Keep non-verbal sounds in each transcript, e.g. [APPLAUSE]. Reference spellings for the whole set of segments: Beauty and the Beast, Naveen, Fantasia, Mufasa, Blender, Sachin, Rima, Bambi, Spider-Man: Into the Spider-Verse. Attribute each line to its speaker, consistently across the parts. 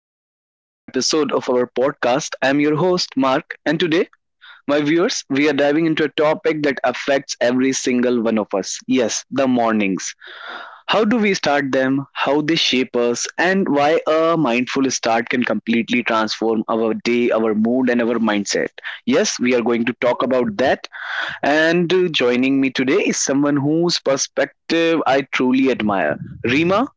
Speaker 1: welcome back to another episode of our podcast. I'm your host, Mark, and today, my viewers, we are diving into a topic that affects every single one of us. Yes, the mornings. How do we start them, how they shape us, and why a mindful start can completely transform our day, our mood, and our mindset. Yes, we are going to talk about that. And Joining me today is someone whose perspective I truly admire. Rima,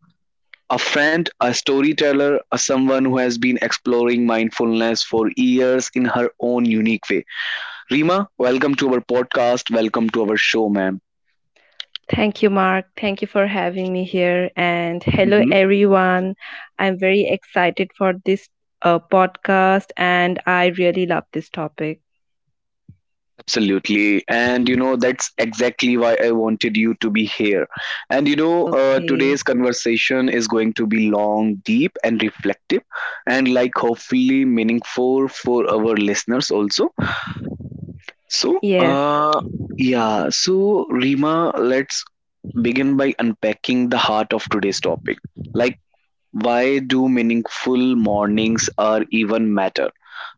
Speaker 1: a friend, a storyteller, a someone who has been exploring mindfulness for years in her own unique way. Rima, welcome to our podcast. Welcome to our show, ma'am.
Speaker 2: Thank you, Mark. Thank you for having me here. And hello,
Speaker 1: Mhm.
Speaker 2: everyone. I'm very excited for this podcast and I really love this topic.
Speaker 1: Absolutely. And you know, that's exactly why I wanted you to be here. And you know,
Speaker 2: Okay.
Speaker 1: today's conversation is going to be long, deep, and reflective, and like hopefully meaningful for our listeners also. So,
Speaker 2: Yes.
Speaker 1: uh, yeah, so, Rima, let's begin by unpacking the heart of today's topic. Like, why do meaningful mornings are even matter?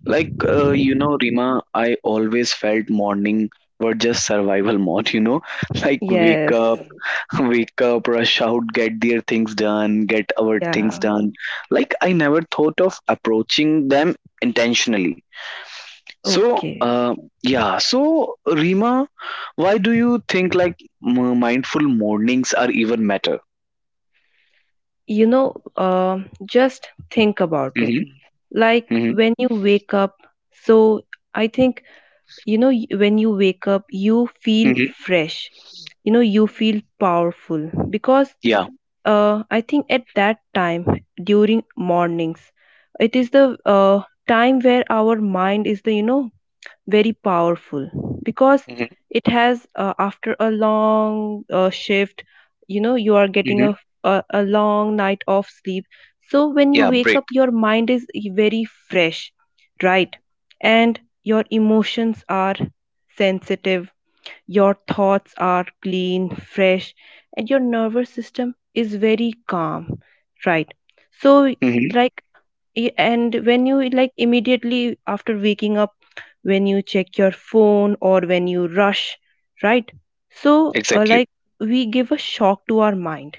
Speaker 1: Like, you know, Rima, I always felt morning were just survival mode, you know, [LAUGHS] like wake
Speaker 2: Yes.
Speaker 1: up, [LAUGHS] wake up, rush out, get their things done, get our things
Speaker 2: Yeah.
Speaker 1: done. Like, I never thought of approaching them intentionally so,
Speaker 2: Okay.
Speaker 1: uh, yeah. So, Rima, why do you think like mindful mornings are even matter?
Speaker 2: You know, just think about it.
Speaker 1: Hmm.
Speaker 2: Like
Speaker 1: Hmm.
Speaker 2: when you wake up, so I think, you know, when you wake up, you feel
Speaker 1: Hmm.
Speaker 2: fresh. You know, you feel powerful because
Speaker 1: Yeah.
Speaker 2: I think at that time during mornings, it is the time where our mind is the, you know, very powerful because
Speaker 1: Hmm.
Speaker 2: it has, after a long shift, you know, you are getting
Speaker 1: Hmm.
Speaker 2: a long night of sleep. So when
Speaker 1: Yeah.
Speaker 2: you wake
Speaker 1: Break.
Speaker 2: up, your mind is very fresh, right? And your emotions are sensitive, your thoughts are clean, fresh, and your nervous system is very calm, right? So,
Speaker 1: Hmm.
Speaker 2: like, and when you, like, immediately after waking up, when you check your phone or when you rush, right? So,
Speaker 1: Exactly.
Speaker 2: like, we give a shock to our mind.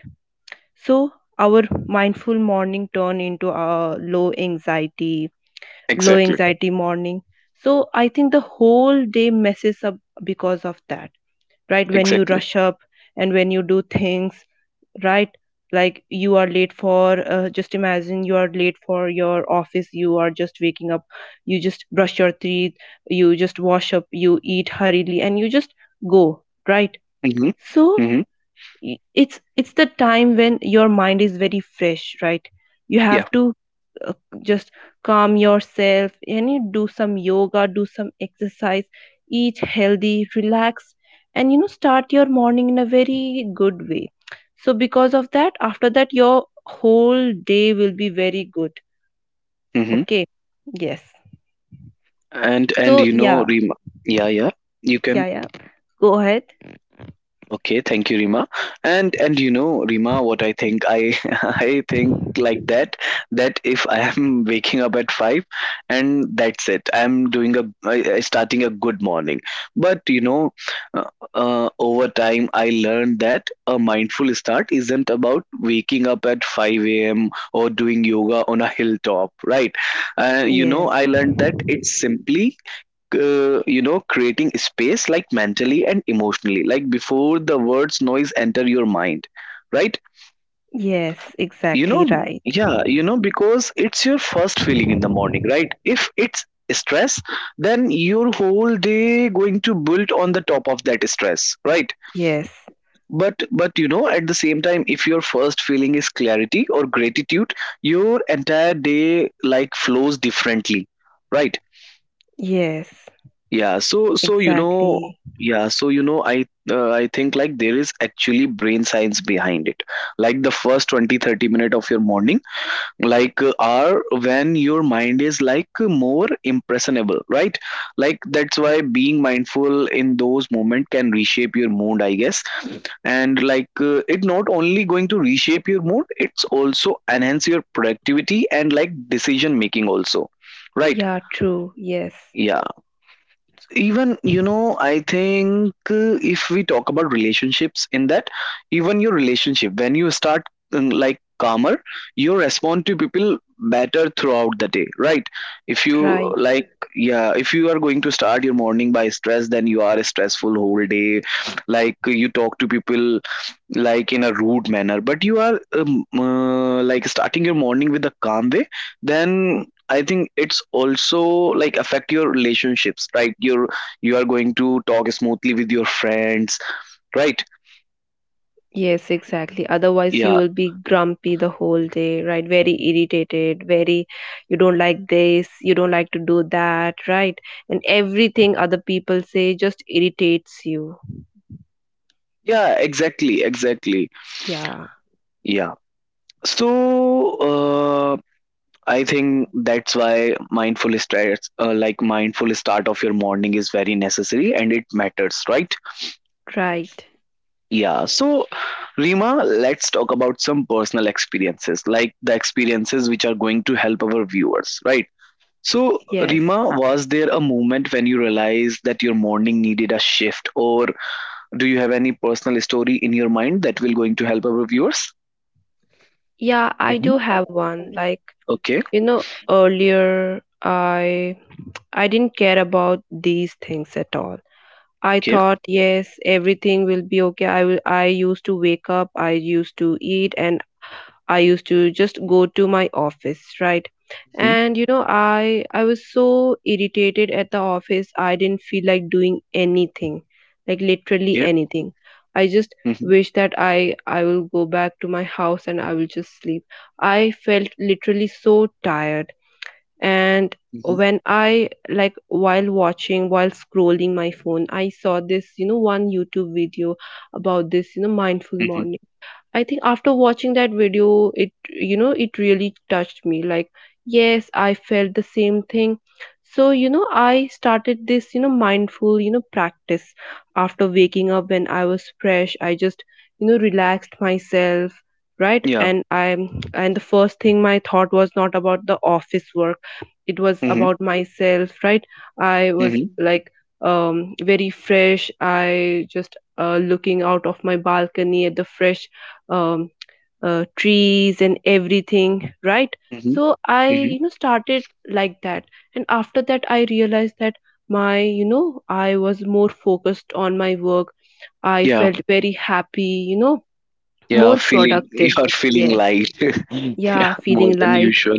Speaker 2: So our mindful morning turn into a low anxiety, low
Speaker 1: Exactly.
Speaker 2: anxiety morning. So I think the whole day messes up because of that, right, when you
Speaker 1: Exactly.
Speaker 2: rush up and when you do things, right, like you are late for, just imagine you are late for your office, you are just waking up, you just brush your teeth, you just wash up, you eat hurriedly, and you just go, right?
Speaker 1: Hmm.
Speaker 2: So
Speaker 1: Hmm.
Speaker 2: it's the time when your mind is very fresh, right? You have
Speaker 1: Yeah.
Speaker 2: to uh, just calm yourself, and you do some yoga, do some exercise, eat healthy, relax, and, you know, start your morning in a very good way. So because of that, after that, your whole day will be very good.
Speaker 1: Hmm.
Speaker 2: Okay. Yes.
Speaker 1: And
Speaker 2: So
Speaker 1: you know,
Speaker 2: yeah.
Speaker 1: Rima. Yeah. Yeah. You
Speaker 2: Yeah,
Speaker 1: can.
Speaker 2: yeah, go ahead.
Speaker 1: Okay, thank you, Rima. And you know, Rima, what I think, I [LAUGHS] I think like that that if I am [LAUGHS] waking up at five, and that's it, I'm doing a I starting a good morning. But you know, over time, I learned that a mindful start isn't about waking up at five a.m. or doing yoga on a hilltop, right? You know,
Speaker 2: Yes.
Speaker 1: I learned that it's simply you know, creating space, like mentally and emotionally, like before the words noise enter your mind, right?
Speaker 2: Yes,
Speaker 1: You know.
Speaker 2: exactly,
Speaker 1: Mm,
Speaker 2: right.
Speaker 1: yeah, you know, because it's your first feeling in the morning, right? If it's stress, then your whole day going to build on the top of that stress, right?
Speaker 2: Yes.
Speaker 1: But you know, at the same time, if your first feeling is clarity or gratitude, your entire day like flows differently, right?
Speaker 2: Yes.
Speaker 1: yeah so so you know
Speaker 2: Exactly.
Speaker 1: yeah so you know I I think like there is actually brain science behind it, like the first 20, 30 minutes of your morning, are when your mind is like more impressionable, right? Like that's why being mindful in those moment can reshape your mood, I guess. And it not only going to reshape your mood, it's also enhance your productivity and like decision making also, right?
Speaker 2: Yeah, true. Yes,
Speaker 1: Yeah, even you know, I think if we talk about relationships in that, even your relationship, when you start like calmer, you respond to people better throughout the day, right? If you
Speaker 2: right.
Speaker 1: like, yeah, if you are going to start your morning by stress, then you are stressful whole day. Like you talk to people like in a rude manner. But you are like starting your morning with a calm way, then I think it's also like affect your relationships, right? You are going to talk smoothly with your friends, right?
Speaker 2: Yes, exactly. Otherwise, you
Speaker 1: Yeah,
Speaker 2: will be grumpy the whole day, right? Very irritated, very, you don't like this, you don't like to do that, right? And everything other people say just irritates you.
Speaker 1: yeah, exactly, exactly.
Speaker 2: Yeah,
Speaker 1: Yeah. So uh, I think that's why mindful start of your morning is very necessary and it matters, right?
Speaker 2: right.
Speaker 1: Yeah. So Rima, let's talk about some personal experiences, like the experiences which are going to help our viewers, right? So,
Speaker 2: Yes.
Speaker 1: Rima, was there a moment when you realized that your morning needed a shift, or do you have any personal story in your mind that will going to help our viewers?
Speaker 2: Yeah, I do
Speaker 1: Mhm.
Speaker 2: have one. Like,
Speaker 1: Okay,
Speaker 2: you know, earlier I didn't care about these things at all. I
Speaker 1: okay,
Speaker 2: thought, yes, everything will be okay. I used to wake up, I used to eat, and I used to just go to my office, right?
Speaker 1: hmm,
Speaker 2: And you know, I was so irritated at the office. I didn't feel like doing anything, like literally
Speaker 1: okay,
Speaker 2: anything. I just
Speaker 1: hmm,
Speaker 2: wish that I will go back to my house and I will just sleep. I felt literally so tired. And
Speaker 1: hmm,
Speaker 2: when I, like, while scrolling my phone, I saw this, you know, one YouTube video about this, you know, mindful
Speaker 1: hmm,
Speaker 2: morning. I think after watching that video, it, you know, it really touched me. Like, yes, I felt the same thing. So, you know, I started this, you know, mindful, you know, practice. After waking up, when I was fresh, I just, you know, relaxed myself, right?
Speaker 1: yeah,
Speaker 2: And the first thing, my thought was not about the office work. It was
Speaker 1: hmm,
Speaker 2: about myself, right? I was
Speaker 1: hmm,
Speaker 2: like, very fresh. I just looking out of my balcony at the fresh, um, trees and everything, right?
Speaker 1: hmm,
Speaker 2: So I,
Speaker 1: hmm,
Speaker 2: you know, started like that. And after that, I realized that, my, you know, I was more focused on my work. I
Speaker 1: yeah,
Speaker 2: felt very happy, you know.
Speaker 1: yeah.
Speaker 2: More
Speaker 1: Feeling [LAUGHS]
Speaker 2: productive.
Speaker 1: you are feeling
Speaker 2: Yes.
Speaker 1: light. [LAUGHS] Yeah,
Speaker 2: Yeah,
Speaker 1: more
Speaker 2: feeling
Speaker 1: than
Speaker 2: light.
Speaker 1: usual.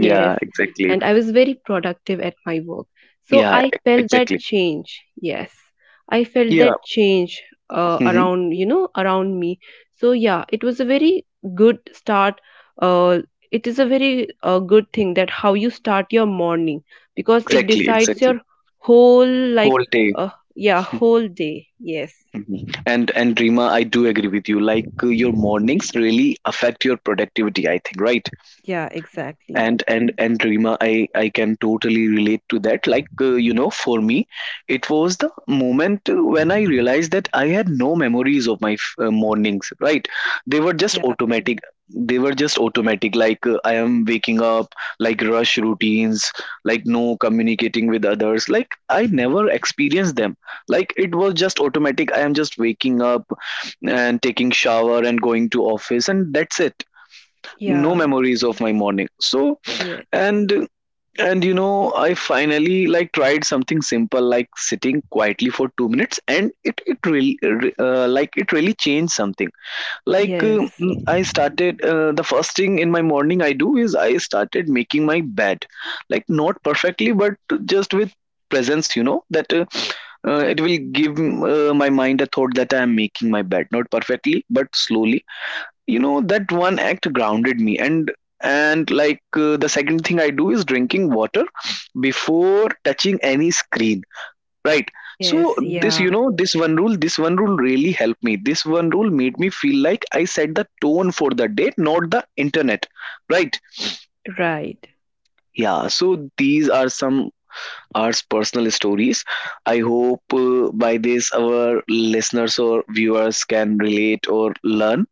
Speaker 2: Yes,
Speaker 1: exactly.
Speaker 2: and I was very productive at my work. So
Speaker 1: Yeah,
Speaker 2: I felt that
Speaker 1: exactly.
Speaker 2: change. Yes, I felt
Speaker 1: Yeah,
Speaker 2: that change
Speaker 1: hmm,
Speaker 2: around, you know, around me. So yeah, it was a very good start. Uh, it is a very good thing, that how you start your morning, because it
Speaker 1: exactly,
Speaker 2: decides
Speaker 1: exactly.
Speaker 2: your whole, like,
Speaker 1: Whole day.
Speaker 2: uh, yeah, whole day. Yes.
Speaker 1: Mhm. And Rima, I do agree with you. Like your mornings really affect your productivity, I think, right?
Speaker 2: Yeah, exactly.
Speaker 1: And and Rima, I can totally relate to that. You know, for me, it was the moment when I realized that I had no memories of my mornings. Right, they were just
Speaker 2: Yeah.
Speaker 1: automatic. They were just automatic. I am waking up, like rush routines, like no communicating with others. Like I never experienced them. Like it was just automatic. I am just waking up and taking shower and going to office, and that's it, no
Speaker 2: Yeah.
Speaker 1: memories of my morning. So
Speaker 2: Yeah.
Speaker 1: and and you know, I finally like tried something simple like sitting quietly for 2 minutes and it really it really changed something. like uh,
Speaker 2: Yes.
Speaker 1: mm, i started the first thing in my morning I do is I started making my bed, like not perfectly but just with presence, you know, that it will give my mind a thought that I am making my bed not perfectly but slowly. You know, that one act grounded me. And the second thing I do is drinking water before touching any screen, right? So,
Speaker 2: Yes.
Speaker 1: this you
Speaker 2: Yeah.
Speaker 1: know, this one rule really helped me. This one rule made me feel like I set the tone for the day, not the internet, right?
Speaker 2: Right.
Speaker 1: Yeah. So these are some our personal stories. I hope by this our listeners or viewers can relate or learn.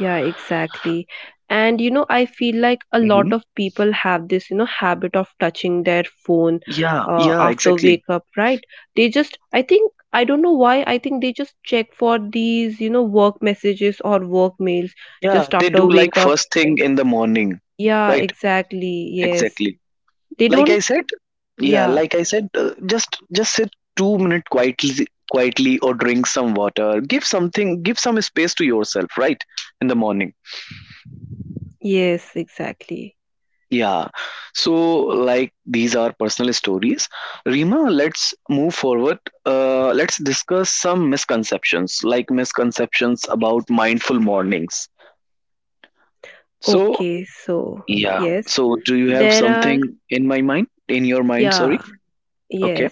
Speaker 2: Yeah, exactly. And you know, I feel like a
Speaker 1: Mhm.
Speaker 2: lot of people have this, you know, habit of touching their phone
Speaker 1: Yeah, yeah,
Speaker 2: after
Speaker 1: exactly.
Speaker 2: wake up, right? They just, I think, I don't know why, I think they just check for these, you know, work messages or work mails
Speaker 1: Yeah,
Speaker 2: just
Speaker 1: they do,
Speaker 2: after
Speaker 1: like
Speaker 2: wake up.
Speaker 1: first thing in the morning,
Speaker 2: Yeah,
Speaker 1: right?
Speaker 2: exactly. Yes.
Speaker 1: Exactly.
Speaker 2: They
Speaker 1: Like I
Speaker 2: don't,
Speaker 1: said, yeah,
Speaker 2: yeah,
Speaker 1: like I said, just sit 2 minutes quietly, quietly, or drink some water. Give something, give some space to yourself, right? In the morning.
Speaker 2: yes, exactly.
Speaker 1: Yeah. So, like these are personal stories. Rima, let's move forward. Let's discuss some misconceptions, like misconceptions about mindful mornings. So,
Speaker 2: Okay, so,
Speaker 1: yeah.
Speaker 2: yes,
Speaker 1: So do you have
Speaker 2: there are,
Speaker 1: something in my mind? In your mind, sorry.
Speaker 2: yeah,
Speaker 1: Okay.
Speaker 2: yes.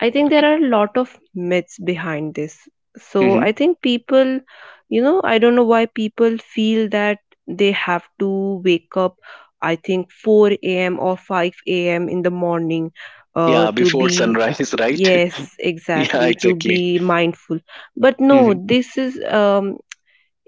Speaker 2: I think there
Speaker 1: Okay.
Speaker 2: are a lot of myths behind this. So
Speaker 1: Hmm.
Speaker 2: I think people, you know, I don't know why people feel that they have to wake up, I think, 4 a.m. or 5 a.m. in the morning,
Speaker 1: Yeah,
Speaker 2: to
Speaker 1: before
Speaker 2: be,
Speaker 1: sunrise, [LAUGHS] right?
Speaker 2: yes,
Speaker 1: [LAUGHS] Yeah,
Speaker 2: exactly, to
Speaker 1: exactly.
Speaker 2: be mindful. But no,
Speaker 1: Mhm.
Speaker 2: this is,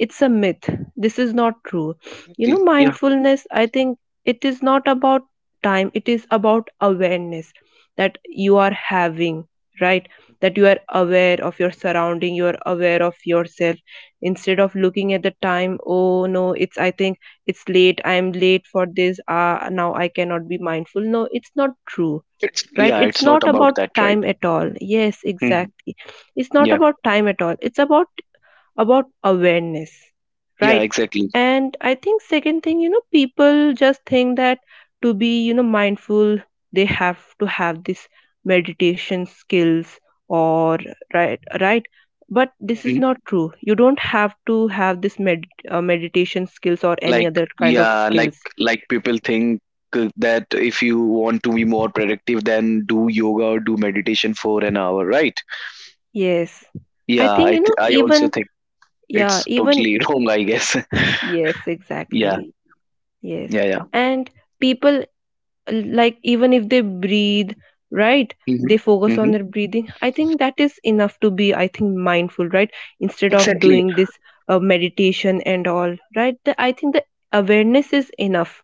Speaker 2: it's a myth, this is not true. You know,
Speaker 1: Yeah,
Speaker 2: mindfulness, I think, it is not about time, it is about awareness that you are having, right? That you are aware of your surrounding, you are aware of yourself, instead of looking at the time, oh no, it's, I think it's late, I'm late for this, ah, now I cannot be mindful. No, it's not true.
Speaker 1: it's,
Speaker 2: Right,
Speaker 1: yeah,
Speaker 2: it's
Speaker 1: it's not
Speaker 2: not
Speaker 1: about
Speaker 2: about
Speaker 1: that, right?
Speaker 2: time at all. Yes,
Speaker 1: Mhm.
Speaker 2: exactly, it's not
Speaker 1: Yeah,
Speaker 2: about time at all, it's about awareness,
Speaker 1: yeah,
Speaker 2: right?
Speaker 1: exactly.
Speaker 2: And I think second thing, you know, people just think that to be, you know, mindful, they have to have this meditation skills or, right, right, but this is not
Speaker 1: Mhm.
Speaker 2: true. You don't have to have this meditation skills or any
Speaker 1: Like
Speaker 2: other kind of
Speaker 1: yeah,
Speaker 2: skills.
Speaker 1: people think that if you want to be more productive, then do yoga or do meditation for an hour, right?
Speaker 2: Yes. I
Speaker 1: Yeah,
Speaker 2: think, you know,
Speaker 1: I also
Speaker 2: even,
Speaker 1: think
Speaker 2: yeah,
Speaker 1: it's
Speaker 2: even,
Speaker 1: totally [LAUGHS] wrong, I guess. [LAUGHS]
Speaker 2: yes,
Speaker 1: Yeah,
Speaker 2: exactly. Yes.
Speaker 1: yeah, yeah.
Speaker 2: And people, like, even if they breathe, right,
Speaker 1: Hmm.
Speaker 2: they focus on
Speaker 1: Hmm.
Speaker 2: their breathing. I think that is enough to be, I think, mindful, right? Instead of
Speaker 1: Exactly.
Speaker 2: doing this meditation and all, right? I think the awareness is enough,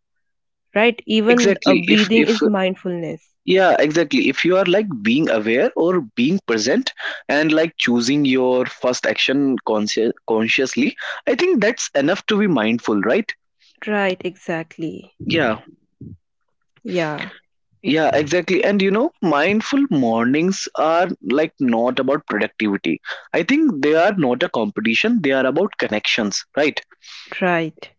Speaker 2: right? Even
Speaker 1: Exactly.
Speaker 2: breathing
Speaker 1: If
Speaker 2: is mindfulness.
Speaker 1: Yeah, exactly, if you are like being aware or being present, and like choosing your first action consciously, I think that's enough to be mindful, right?
Speaker 2: Right, exactly.
Speaker 1: Yeah,
Speaker 2: Yeah,
Speaker 1: yeah, exactly. And you know, mindful mornings are like not about productivity. I think they are not a competition. They are about connections, right?
Speaker 2: right.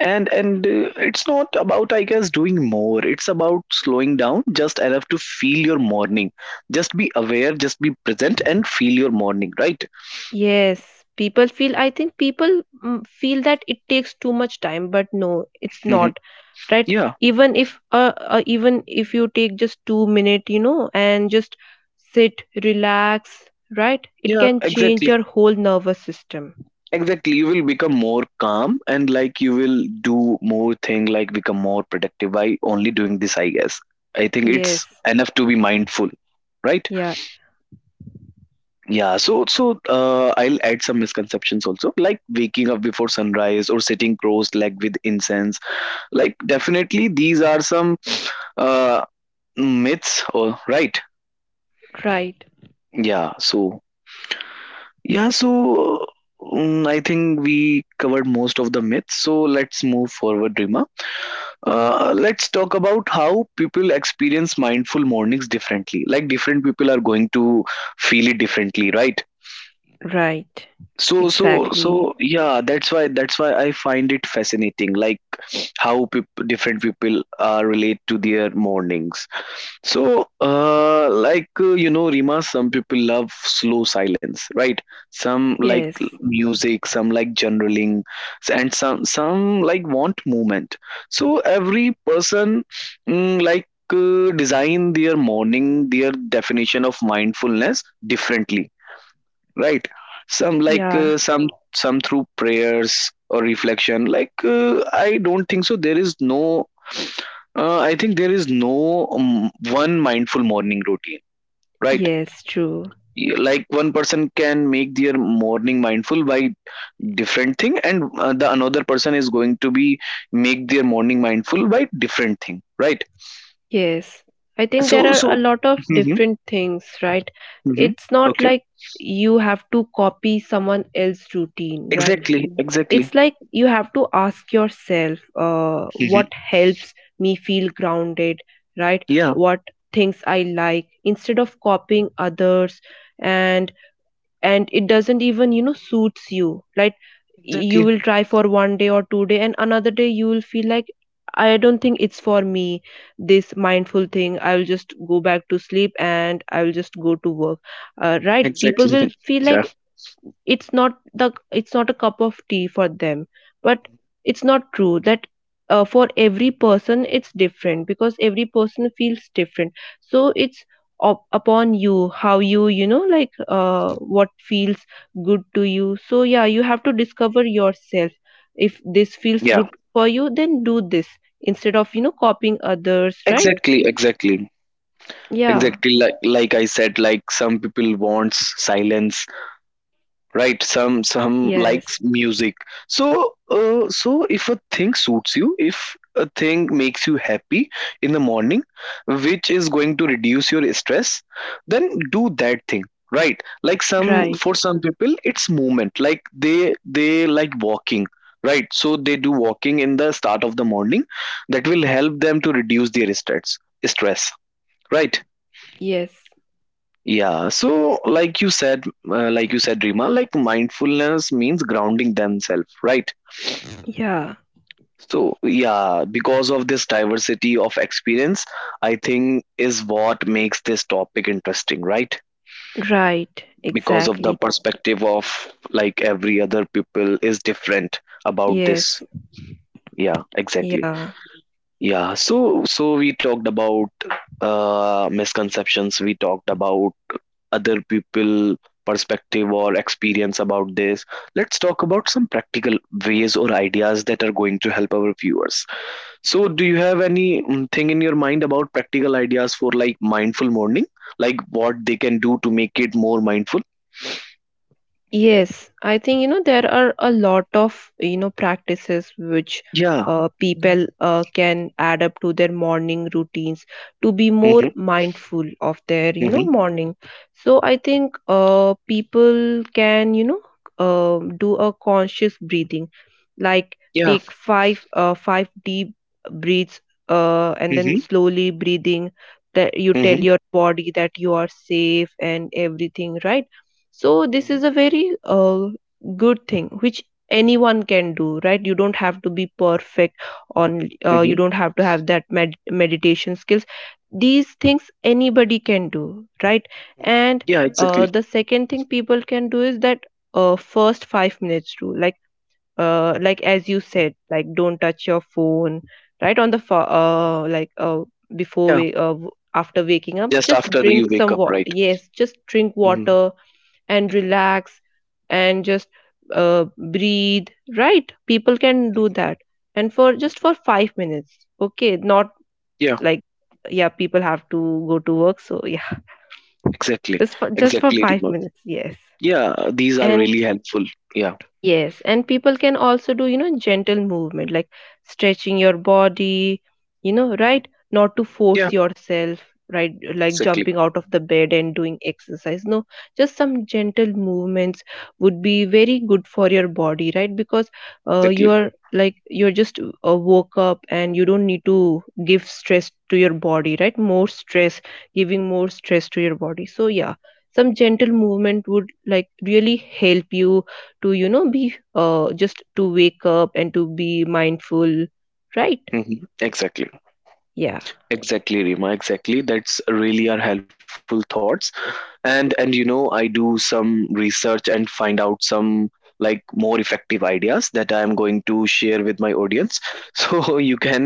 Speaker 1: And it's not about, I guess, doing more. It's about slowing down just enough to feel your morning. Just be aware, just be present, and feel your morning, right?
Speaker 2: Yes, people feel, I think people feel that it takes too much time, but no, it's
Speaker 1: Hmm.
Speaker 2: not, right?
Speaker 1: Yeah,
Speaker 2: Even if you take just 2 minute, you know, and just sit, relax, right? It
Speaker 1: yeah,
Speaker 2: can change
Speaker 1: exactly.
Speaker 2: your whole nervous system.
Speaker 1: Exactly, you will become more calm, and like you will do more thing, like become more productive by only doing this, I guess. I think it's
Speaker 2: Yes,
Speaker 1: enough to be mindful, right?
Speaker 2: yeah,
Speaker 1: I'll add some misconceptions also, like waking up before sunrise or sitting cross legged with incense, like definitely these are some uh myths, or right?
Speaker 2: right,
Speaker 1: yeah so yeah so I think we covered most of the myths. So let's move forward, Rima. Let's talk about how people experience mindful mornings differently, like different people are going to feel it differently, right?
Speaker 2: right,
Speaker 1: So,
Speaker 2: exactly.
Speaker 1: yeah, that's why I find it fascinating, like how different people relate to their mornings. So, you know, Rima, some people love slow silence, right? Some like
Speaker 2: Yes,
Speaker 1: music, some like journaling, and some like want movement. So every person mm, like design their morning, their definition of mindfulness differently, right? Some like,
Speaker 2: yeah,
Speaker 1: some through prayers or reflection. I don't think so, there is no I think there is no one mindful morning routine, right?
Speaker 2: yes, true.
Speaker 1: Like one person can make their morning mindful by different thing, and the another person is going to be make their morning mindful by different thing, right?
Speaker 2: Yes, I think
Speaker 1: so
Speaker 2: there are
Speaker 1: so
Speaker 2: a lot of
Speaker 1: hmm.
Speaker 2: different things, right?
Speaker 1: Hmm.
Speaker 2: It's not
Speaker 1: Okay.
Speaker 2: like you have to copy someone else's routine, right?
Speaker 1: Exactly. Mhm. Exactly.
Speaker 2: It's like you have to ask yourself, what
Speaker 1: Hmm.
Speaker 2: helps me feel grounded, right?
Speaker 1: Yeah,
Speaker 2: What things I like, instead of copying others. And and it doesn't even, you know, suits you. Like, you
Speaker 1: exactly,
Speaker 2: will try for one day or 2 day, and another day you will feel like, I don't think it's for me, this mindful thing, I will just go back to sleep and I will just go to work, right? People will
Speaker 1: exactly.
Speaker 2: feel
Speaker 1: [LAUGHS] Yeah,
Speaker 2: like, it's not a cup of tea for them. But it's not true, that for every person it's different, because every person feels different. So it's up upon you, how you, you know, like, what feels good to you. So yeah, you have to discover yourself. If this feels
Speaker 1: yeah,
Speaker 2: good for you, then do this, instead of, you know, copying others, right?
Speaker 1: exactly, exactly.
Speaker 2: Yeah.
Speaker 1: Exactly, like I said, like some people wants silence, right? Some
Speaker 2: Yes,
Speaker 1: likes music. So uh, so if a thing suits you, if a thing makes you happy in the morning, which is going to reduce your stress, then do that thing, right? Like some,
Speaker 2: right.
Speaker 1: for some people it's movement, like they they like walking, right? So they do walking in the start of the morning. That will help them to reduce their stress, right?
Speaker 2: Yes.
Speaker 1: Yeah, so like you said, like you said, Rima, like mindfulness means grounding themselves, right?
Speaker 2: Yeah,
Speaker 1: So yeah, because of this diversity of experience, I think is what makes this topic interesting, right?
Speaker 2: right,
Speaker 1: Because of
Speaker 2: exactly.
Speaker 1: the perspective of, like, every other people is different about this.
Speaker 2: Yes.
Speaker 1: Yeah, exactly.
Speaker 2: Yeah.
Speaker 1: Yeah, so we talked about misconceptions. We talked about other people perspective or experience about this. Let's talk about some practical ways or ideas that are going to help our viewers. So, do you have any thing in your mind about practical ideas for, like, mindful morning, like what they can do to make it more mindful?
Speaker 2: Yes, I think, you know, there are a lot of, you know, practices which
Speaker 1: Yeah.
Speaker 2: people can add up to their morning routines, to be more
Speaker 1: Mhm.
Speaker 2: mindful of their, you
Speaker 1: Mm-hmm.
Speaker 2: know,
Speaker 1: Mm-hmm.
Speaker 2: morning. So I think, people can, you know, do a conscious breathing, like,
Speaker 1: Yeah.
Speaker 2: take five deep breaths, and then
Speaker 1: Mm-hmm.
Speaker 2: slowly breathing, that you tell
Speaker 1: Mm-hmm.
Speaker 2: your body that you are safe and everything, right? So this
Speaker 1: Mhm.
Speaker 2: is a very good thing, which anyone can do, right? You don't have to be perfect on, you
Speaker 1: Mm-hmm.
Speaker 2: don't have to have that meditation skills, these things anybody can do, right? And
Speaker 1: Yeah. Exactly.
Speaker 2: the second thing people can do is that, first 5 minutes rule, like, like, as you said, like, don't touch your phone, right? On the like, before
Speaker 1: Yeah.
Speaker 2: we, after waking up,
Speaker 1: Just
Speaker 2: just
Speaker 1: after you
Speaker 2: drink
Speaker 1: wake
Speaker 2: some
Speaker 1: up,
Speaker 2: water,
Speaker 1: right?
Speaker 2: yes, just drink
Speaker 1: Mm-hmm.
Speaker 2: water and
Speaker 1: Hmm.
Speaker 2: relax, and just uh, breathe, right? People can do
Speaker 1: Hmm.
Speaker 2: that, and for just for
Speaker 1: Hmm.
Speaker 2: 5 minutes, okay, not
Speaker 1: Yeah,
Speaker 2: like, yeah, people have to go to work, so yeah,
Speaker 1: exactly.
Speaker 2: just for
Speaker 1: Exactly,
Speaker 2: 5
Speaker 1: Rima.
Speaker 2: minutes, yes.
Speaker 1: Yeah, these are
Speaker 2: And,
Speaker 1: really helpful. Yeah.
Speaker 2: yes, and people can also do, you know, gentle movement, like stretching your body, you know,
Speaker 1: Hmm.
Speaker 2: right? Not to
Speaker 1: Yeah,
Speaker 2: force yourself, right? Like
Speaker 1: exactly.
Speaker 2: jumping out of the bed and doing exercise. No, just some gentle movements would be very good for your body, right? Because
Speaker 1: Exactly.
Speaker 2: you're, like, you're just woke up, and you don't need to give stress to your body, right? More stress, giving more stress to your body. So, yeah, some gentle movement would like really help you to be just to wake up and to be mindful, right?
Speaker 1: Hmm. Exactly.
Speaker 2: Yeah.
Speaker 1: Exactly, Rima. Exactly. That's really are helpful thoughts. And you know, I do some research and find out some, like, more effective ideas that I am going to share with my audience. [LAUGHS] So you can,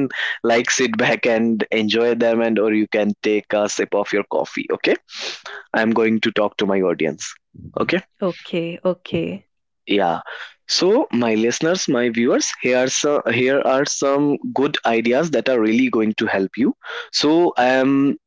Speaker 1: like, sit back and enjoy them, and or you can take a sip of your coffee. Okay, I'm going to talk to my audience. Okay.
Speaker 2: Okay, okay.
Speaker 1: Yeah, so my listeners, my viewers here are, so, here are some good ideas that are really going to help you. So I am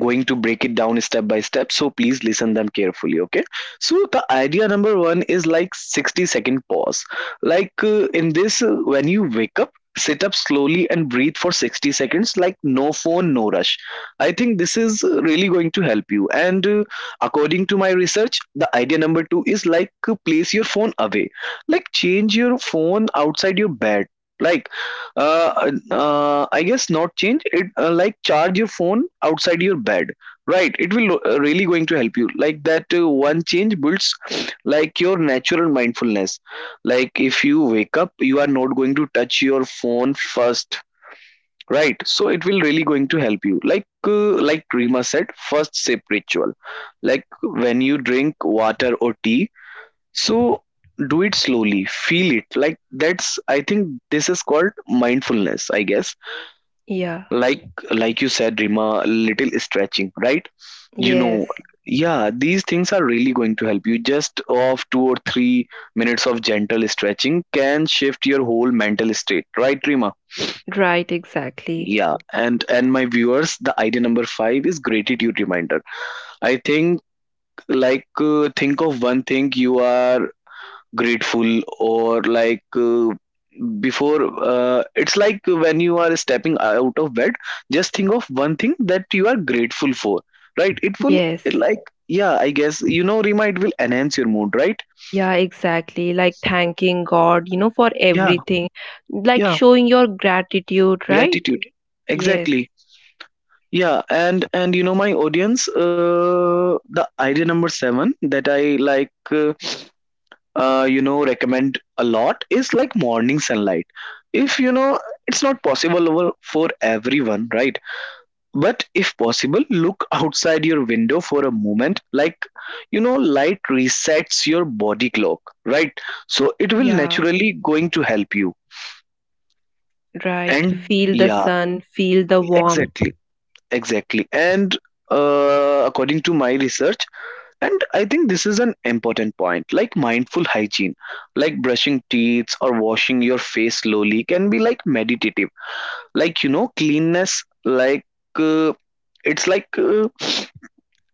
Speaker 1: going to break it down step by step, so please listen them carefully. Okay, so the idea number one is like 60-second pause, like in this, when you wake up, sit up slowly and breathe for 60 seconds, like no phone, no rush. I think this is really going to help you. And according to my research, the idea number two is like, place your phone away, like change your phone outside your bed, like I guess not change it, like charge your phone outside your bed, right? It will really going to help you, like that one change builds, like, your natural mindfulness. Like, if you wake up, you are not going to touch your phone first, right? So it will really going to help you, like, like Rima said, first sip ritual. Like when you drink water or tea, so do it slowly, feel it. Like that's, I think, this is called mindfulness, I guess.
Speaker 2: Yeah.
Speaker 1: Like you said, Rima, little stretching, right? You
Speaker 2: Yes.
Speaker 1: know, yeah, these things are really going to help you. Just of 2 or 3 minutes of gentle stretching can shift your whole mental state, right, Rima?
Speaker 2: Right, exactly.
Speaker 1: Yeah, and my viewers, the idea number five is gratitude reminder. I think, like, think of one thing you are grateful, or like, before, it's like when you are stepping out of bed, just think of one thing that you are grateful for, right? It will,
Speaker 2: Yes.
Speaker 1: it, like, yeah, I guess, you know, Rima, it will enhance your mood, right?
Speaker 2: Yeah, exactly, like thanking God, for
Speaker 1: Yeah.
Speaker 2: everything, like
Speaker 1: Yeah,
Speaker 2: showing your gratitude, right?
Speaker 1: gratitude.
Speaker 2: Yes.
Speaker 1: Exactly. Yeah, and you know, my audience, uh, the idea number seven that I, like, uh, you know, recommend a lot is like morning sunlight. If you know, it's not possible over for everyone, right? But if possible, look outside your window for a moment, like, you know, light resets your body clock, right? So it will
Speaker 2: Yeah.
Speaker 1: naturally going to help you.
Speaker 2: Right,
Speaker 1: And
Speaker 2: feel the
Speaker 1: yeah,
Speaker 2: sun, feel the warmth.
Speaker 1: exactly, exactly. And according to my research, and I think this is an important point. Like mindful hygiene, like brushing teeth or washing your face slowly can be like meditative. Like, you know, cleanness, like, uh, it's like,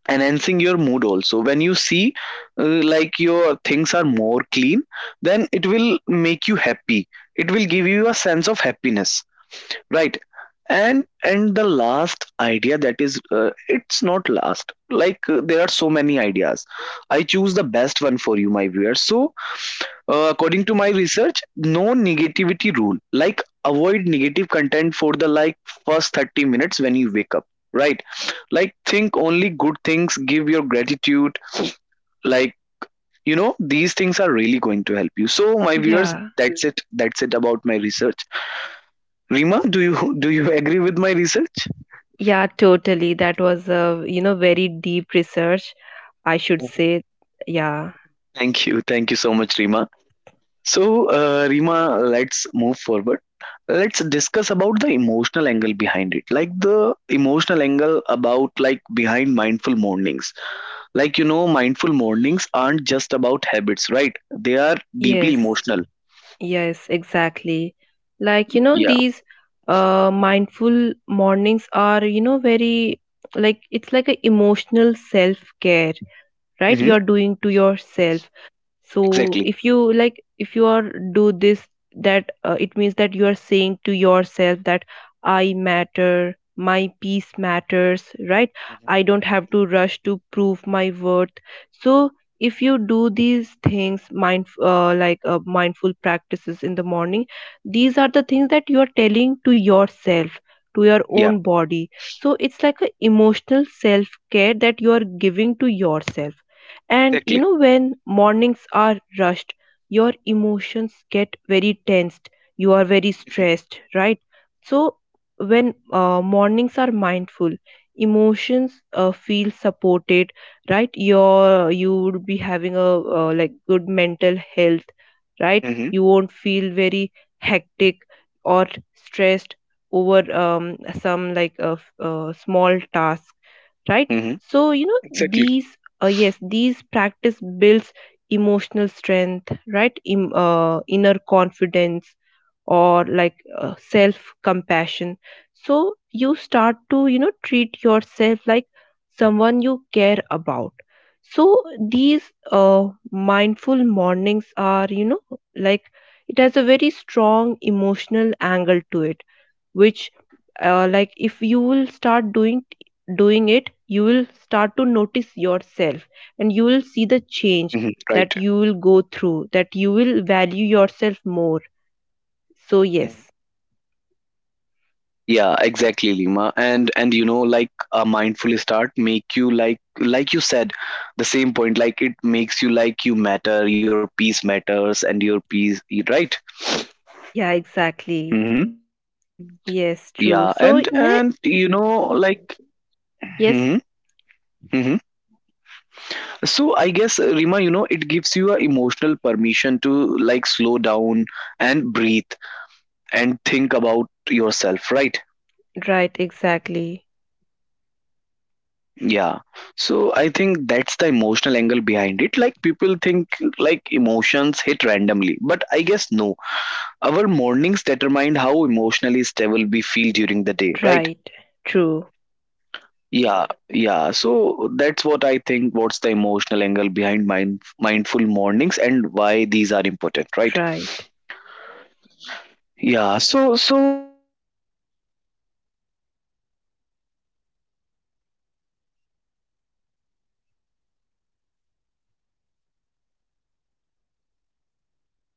Speaker 1: enhancing your mood also. When you see, like, your things are more clean, then it will make you happy. It will give you a sense of happiness, right? And the last idea that is, it's not last, like, there are so many ideas. I choose the best one for you, my viewers. So according to my research, no negativity rule, like avoid negative content for the, like, first 30 minutes when you wake up, right? Like think only good things, give your gratitude, like, you know, these things are really going to help you. So, my viewers,
Speaker 2: Yeah.
Speaker 1: that's it about my research. Rima, do you [LAUGHS] do you agree with my research?
Speaker 2: Yeah, totally. That was a very deep research, I should say. Yeah.
Speaker 1: Thank you so much, Rima. So, Reema, let's move forward. Let's discuss about the emotional angle behind it, like the emotional angle about, like, behind mindful mornings. Like you know, mindful mornings aren't just about habits, right? They are deeply
Speaker 2: Yes.
Speaker 1: emotional.
Speaker 2: Yes, exactly. Like,
Speaker 1: Yeah.
Speaker 2: these mindful mornings are, very, like it's like a emotional self care, right?
Speaker 1: Mm-hmm.
Speaker 2: You're doing to yourself. So
Speaker 1: Exactly.
Speaker 2: if you, like, if you are do this, that it means that you are saying to yourself that I matter, my peace matters, right? I
Speaker 1: Hmm.
Speaker 2: don't have to rush to prove my worth. So if you do these things, mind like mindful practices in the morning, these are the things that you are telling to yourself, to your own
Speaker 1: Yeah.
Speaker 2: body. So it's like a emotional self care that you are giving to yourself. And,
Speaker 1: Exactly.
Speaker 2: when mornings are rushed, your emotions get very tensed. You are very stressed, right? So when mornings are mindful, emotions feel supported, right? You would be having a like good mental health, right? You
Speaker 1: Mm-hmm.
Speaker 2: won't feel very hectic or stressed over some, like, a small task, right? So
Speaker 1: Mm-hmm.
Speaker 2: these
Speaker 1: Exactly.
Speaker 2: yes, these practice builds emotional strength, right? Inner confidence, or like self
Speaker 1: Exactly. Exactly.
Speaker 2: compassion. So you start to treat yourself like
Speaker 1: Rima,
Speaker 2: someone you care about.
Speaker 1: I
Speaker 2: So
Speaker 1: am audible,
Speaker 2: these
Speaker 1: Rima.
Speaker 2: uh, mindful mornings are, like, it has a very strong emotional angle to it, which like, if you will start doing it, you will start to notice yourself and you will see the
Speaker 1: Mm-hmm.
Speaker 2: change
Speaker 1: Right.
Speaker 2: that you will go through, that you will value yourself more. So
Speaker 1: Mhm.
Speaker 2: yes.
Speaker 1: Yeah, exactly, Lima. And you know, like a mindful start make you like you said, the same point, like it makes you like you matter, your peace matters, and your peace, right?
Speaker 2: Yeah, exactly.
Speaker 1: Hmm. Mm.
Speaker 2: Yes, true.
Speaker 1: Yeah,
Speaker 2: So
Speaker 1: and you know, like,
Speaker 2: yes.
Speaker 1: hmm, hmm, so I guess, Rima, you know, it gives you a emotional permission to, like, slow down and breathe and think about yourself, right?
Speaker 2: Right, exactly.
Speaker 1: Yeah. So I think that's the emotional angle behind it. Like people think, like, emotions hit randomly, but I guess no. Our mornings determine how emotionally stable we feel during the day, right?
Speaker 2: Right. True.
Speaker 1: Yeah, yeah. Yeah, so that's what I think. What's the emotional angle behind mindful mornings, and why these are important, right?
Speaker 2: Right.
Speaker 1: Yeah, so let's talk about, if we are talking about morning routines, let's talk about how mindful mornings are going to shape our everyday life. Like, let's talk about long-term impact,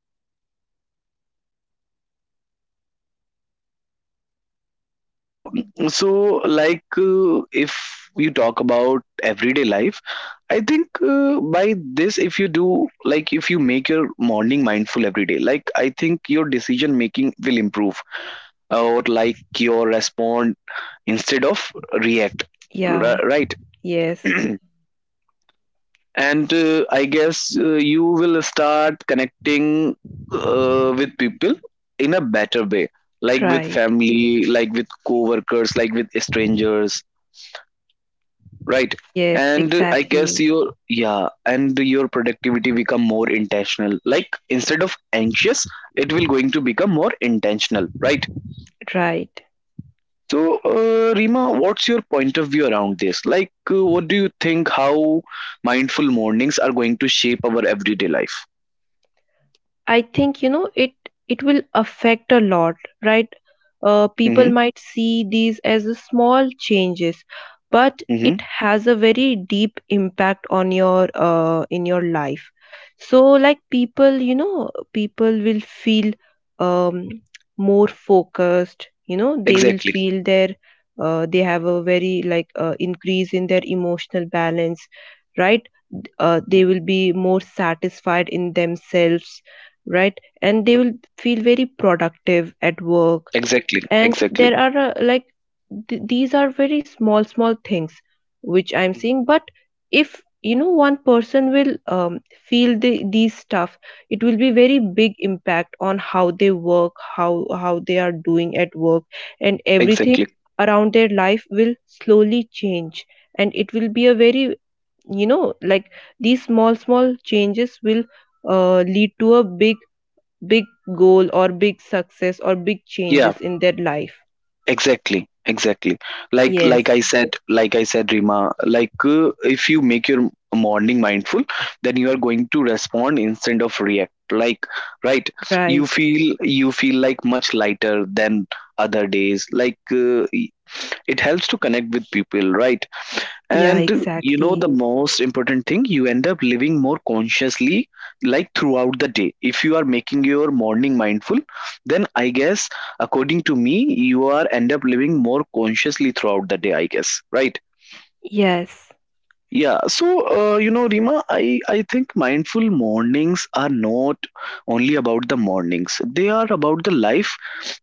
Speaker 1: like how does a mindful morning are going to shape the rest of our life. So so like, if you talk about everyday life, I think, by this, if you do, like, if you make your morning mindful every day, like, I think your decision making will improve, or, like, your respond instead of react.
Speaker 2: Yeah.
Speaker 1: Right.
Speaker 2: Yes.
Speaker 1: [CLEARS THROAT] And I guess, you will start connecting with people in a better way, like with
Speaker 2: Right.
Speaker 1: family, like with co-workers, like with strangers, right?
Speaker 2: Yes,
Speaker 1: And I guess
Speaker 2: exactly.
Speaker 1: your, yeah, and your productivity become more intentional, like instead of anxious, it will going to become more intentional, right?
Speaker 2: Right.
Speaker 1: So, Rima, what's your point of view around this? Like, what do you think, how mindful mornings are going to shape our everyday life?
Speaker 2: I think it will affect a lot, right? People
Speaker 1: Mm-hmm.
Speaker 2: might see these as a small changes, but it
Speaker 1: Mhm.
Speaker 2: has a very deep impact on your, in your life. So like people will feel um, more focused. They will
Speaker 1: Exactly.
Speaker 2: feel their they have a very, like, increase in their emotional balance, right? They
Speaker 1: Mhm.
Speaker 2: will be more satisfied in themselves, right? And they
Speaker 1: Mhm.
Speaker 2: will feel very productive at work.
Speaker 1: Exactly.
Speaker 2: And
Speaker 1: Exactly.
Speaker 2: there are like, these are very small small things which I'm
Speaker 1: Mhm.
Speaker 2: seeing. But if you know one person will feel these stuff, it will be very big impact on how they work, how they are doing at work, and everything
Speaker 1: Exactly.
Speaker 2: around their life will slowly change. And it will be a very, like, these small small changes will lead to a big, big goal or big success or big
Speaker 1: Yeah,
Speaker 2: changes in their life.
Speaker 1: exactly. Exactly. Like,
Speaker 2: Yes,
Speaker 1: like I said, Rima, like, if you make your morning mindful, then you are going to respond instead of react. Like, right?
Speaker 2: right.
Speaker 1: You feel like much lighter than other days. Like, it helps to connect with people, right?
Speaker 2: Yeah,
Speaker 1: And you know, the
Speaker 2: exactly.
Speaker 1: most important thing, you end up living more consciously, like, throughout the day. If you are making your morning mindful, then I guess, according to me, you are end up living more consciously throughout the day, I guess, right?
Speaker 2: Yes,
Speaker 1: Yeah, so, you know, Rima, I think mindful mornings are not only about the mornings, they are about the life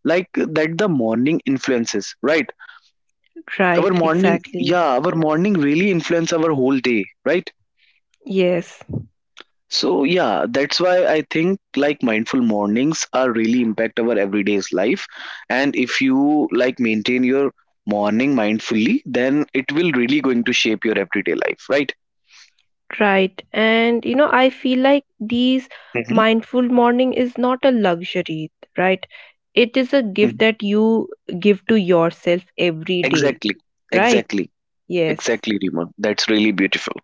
Speaker 1: like that the morning influences, right? Our
Speaker 2: right,
Speaker 1: morning,
Speaker 2: exactly.
Speaker 1: yeah, our morning really influence our whole day, right?
Speaker 2: Yes,
Speaker 1: So yeah, that's why I think like mindful mornings are really impact our everyday's life. And if you, like, maintain your morning mindfully, then it will really going to shape your everyday life, right?
Speaker 2: right. And, I feel like these
Speaker 1: Hmm.
Speaker 2: mindful morning is not a luxury, right? It is a gift
Speaker 1: Hmm.
Speaker 2: that you give to yourself every day,
Speaker 1: Exactly,
Speaker 2: right?
Speaker 1: exactly,
Speaker 2: Yes.
Speaker 1: exactly, Rima. That's really beautiful.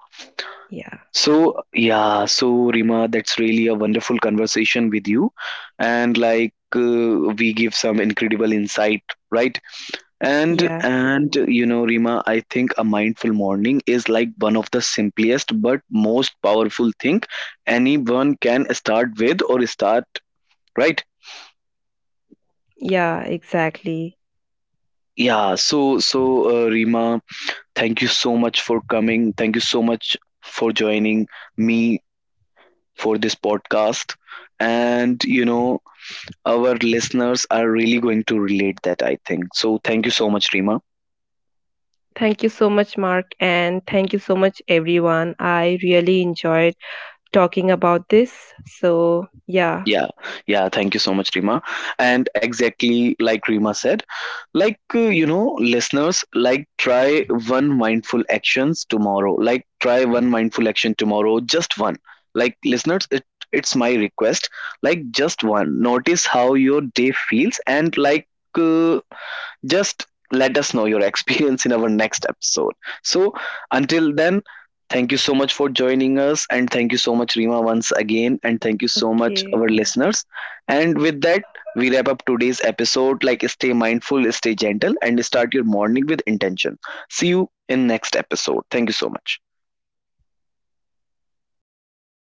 Speaker 2: Yeah.
Speaker 1: So, yeah, so Rima, that's really a wonderful conversation with you, and like, we give some incredible insight, right? And
Speaker 2: Yeah.
Speaker 1: you know, Rima, I think a mindful morning is like one of the simplest but most powerful thing anyone can start with or start, right.
Speaker 2: Yeah, exactly.
Speaker 1: Yeah. So Rima, thank you so much for coming. Thank you so much for joining me for this podcast. And you know, our listeners are really going to relate that, I think so. Thank you so much, Rima.
Speaker 2: Thank you so much, Mark, and thank you so much, everyone. I really enjoyed talking about this. So, yeah.
Speaker 1: Yeah, yeah, thank you so much, Rima. And exactly like Rima said, like, you know, listeners, like, try one mindful actions tomorrow. Like, try one mindful action tomorrow, just one. Like, listeners, it's my request. Like, just one. Notice how your day feels, and, like, uh, just let us know your [LAUGHS] experience in our next episode. So, until then, thank you so much for joining us, and thank you so much, Rima, once again, and thank you so much, our
Speaker 2: Okay.
Speaker 1: listeners. And with that, we wrap up today's episode. Like, stay mindful, stay gentle, and start your morning with intention. See you in next episode. Thank you so much.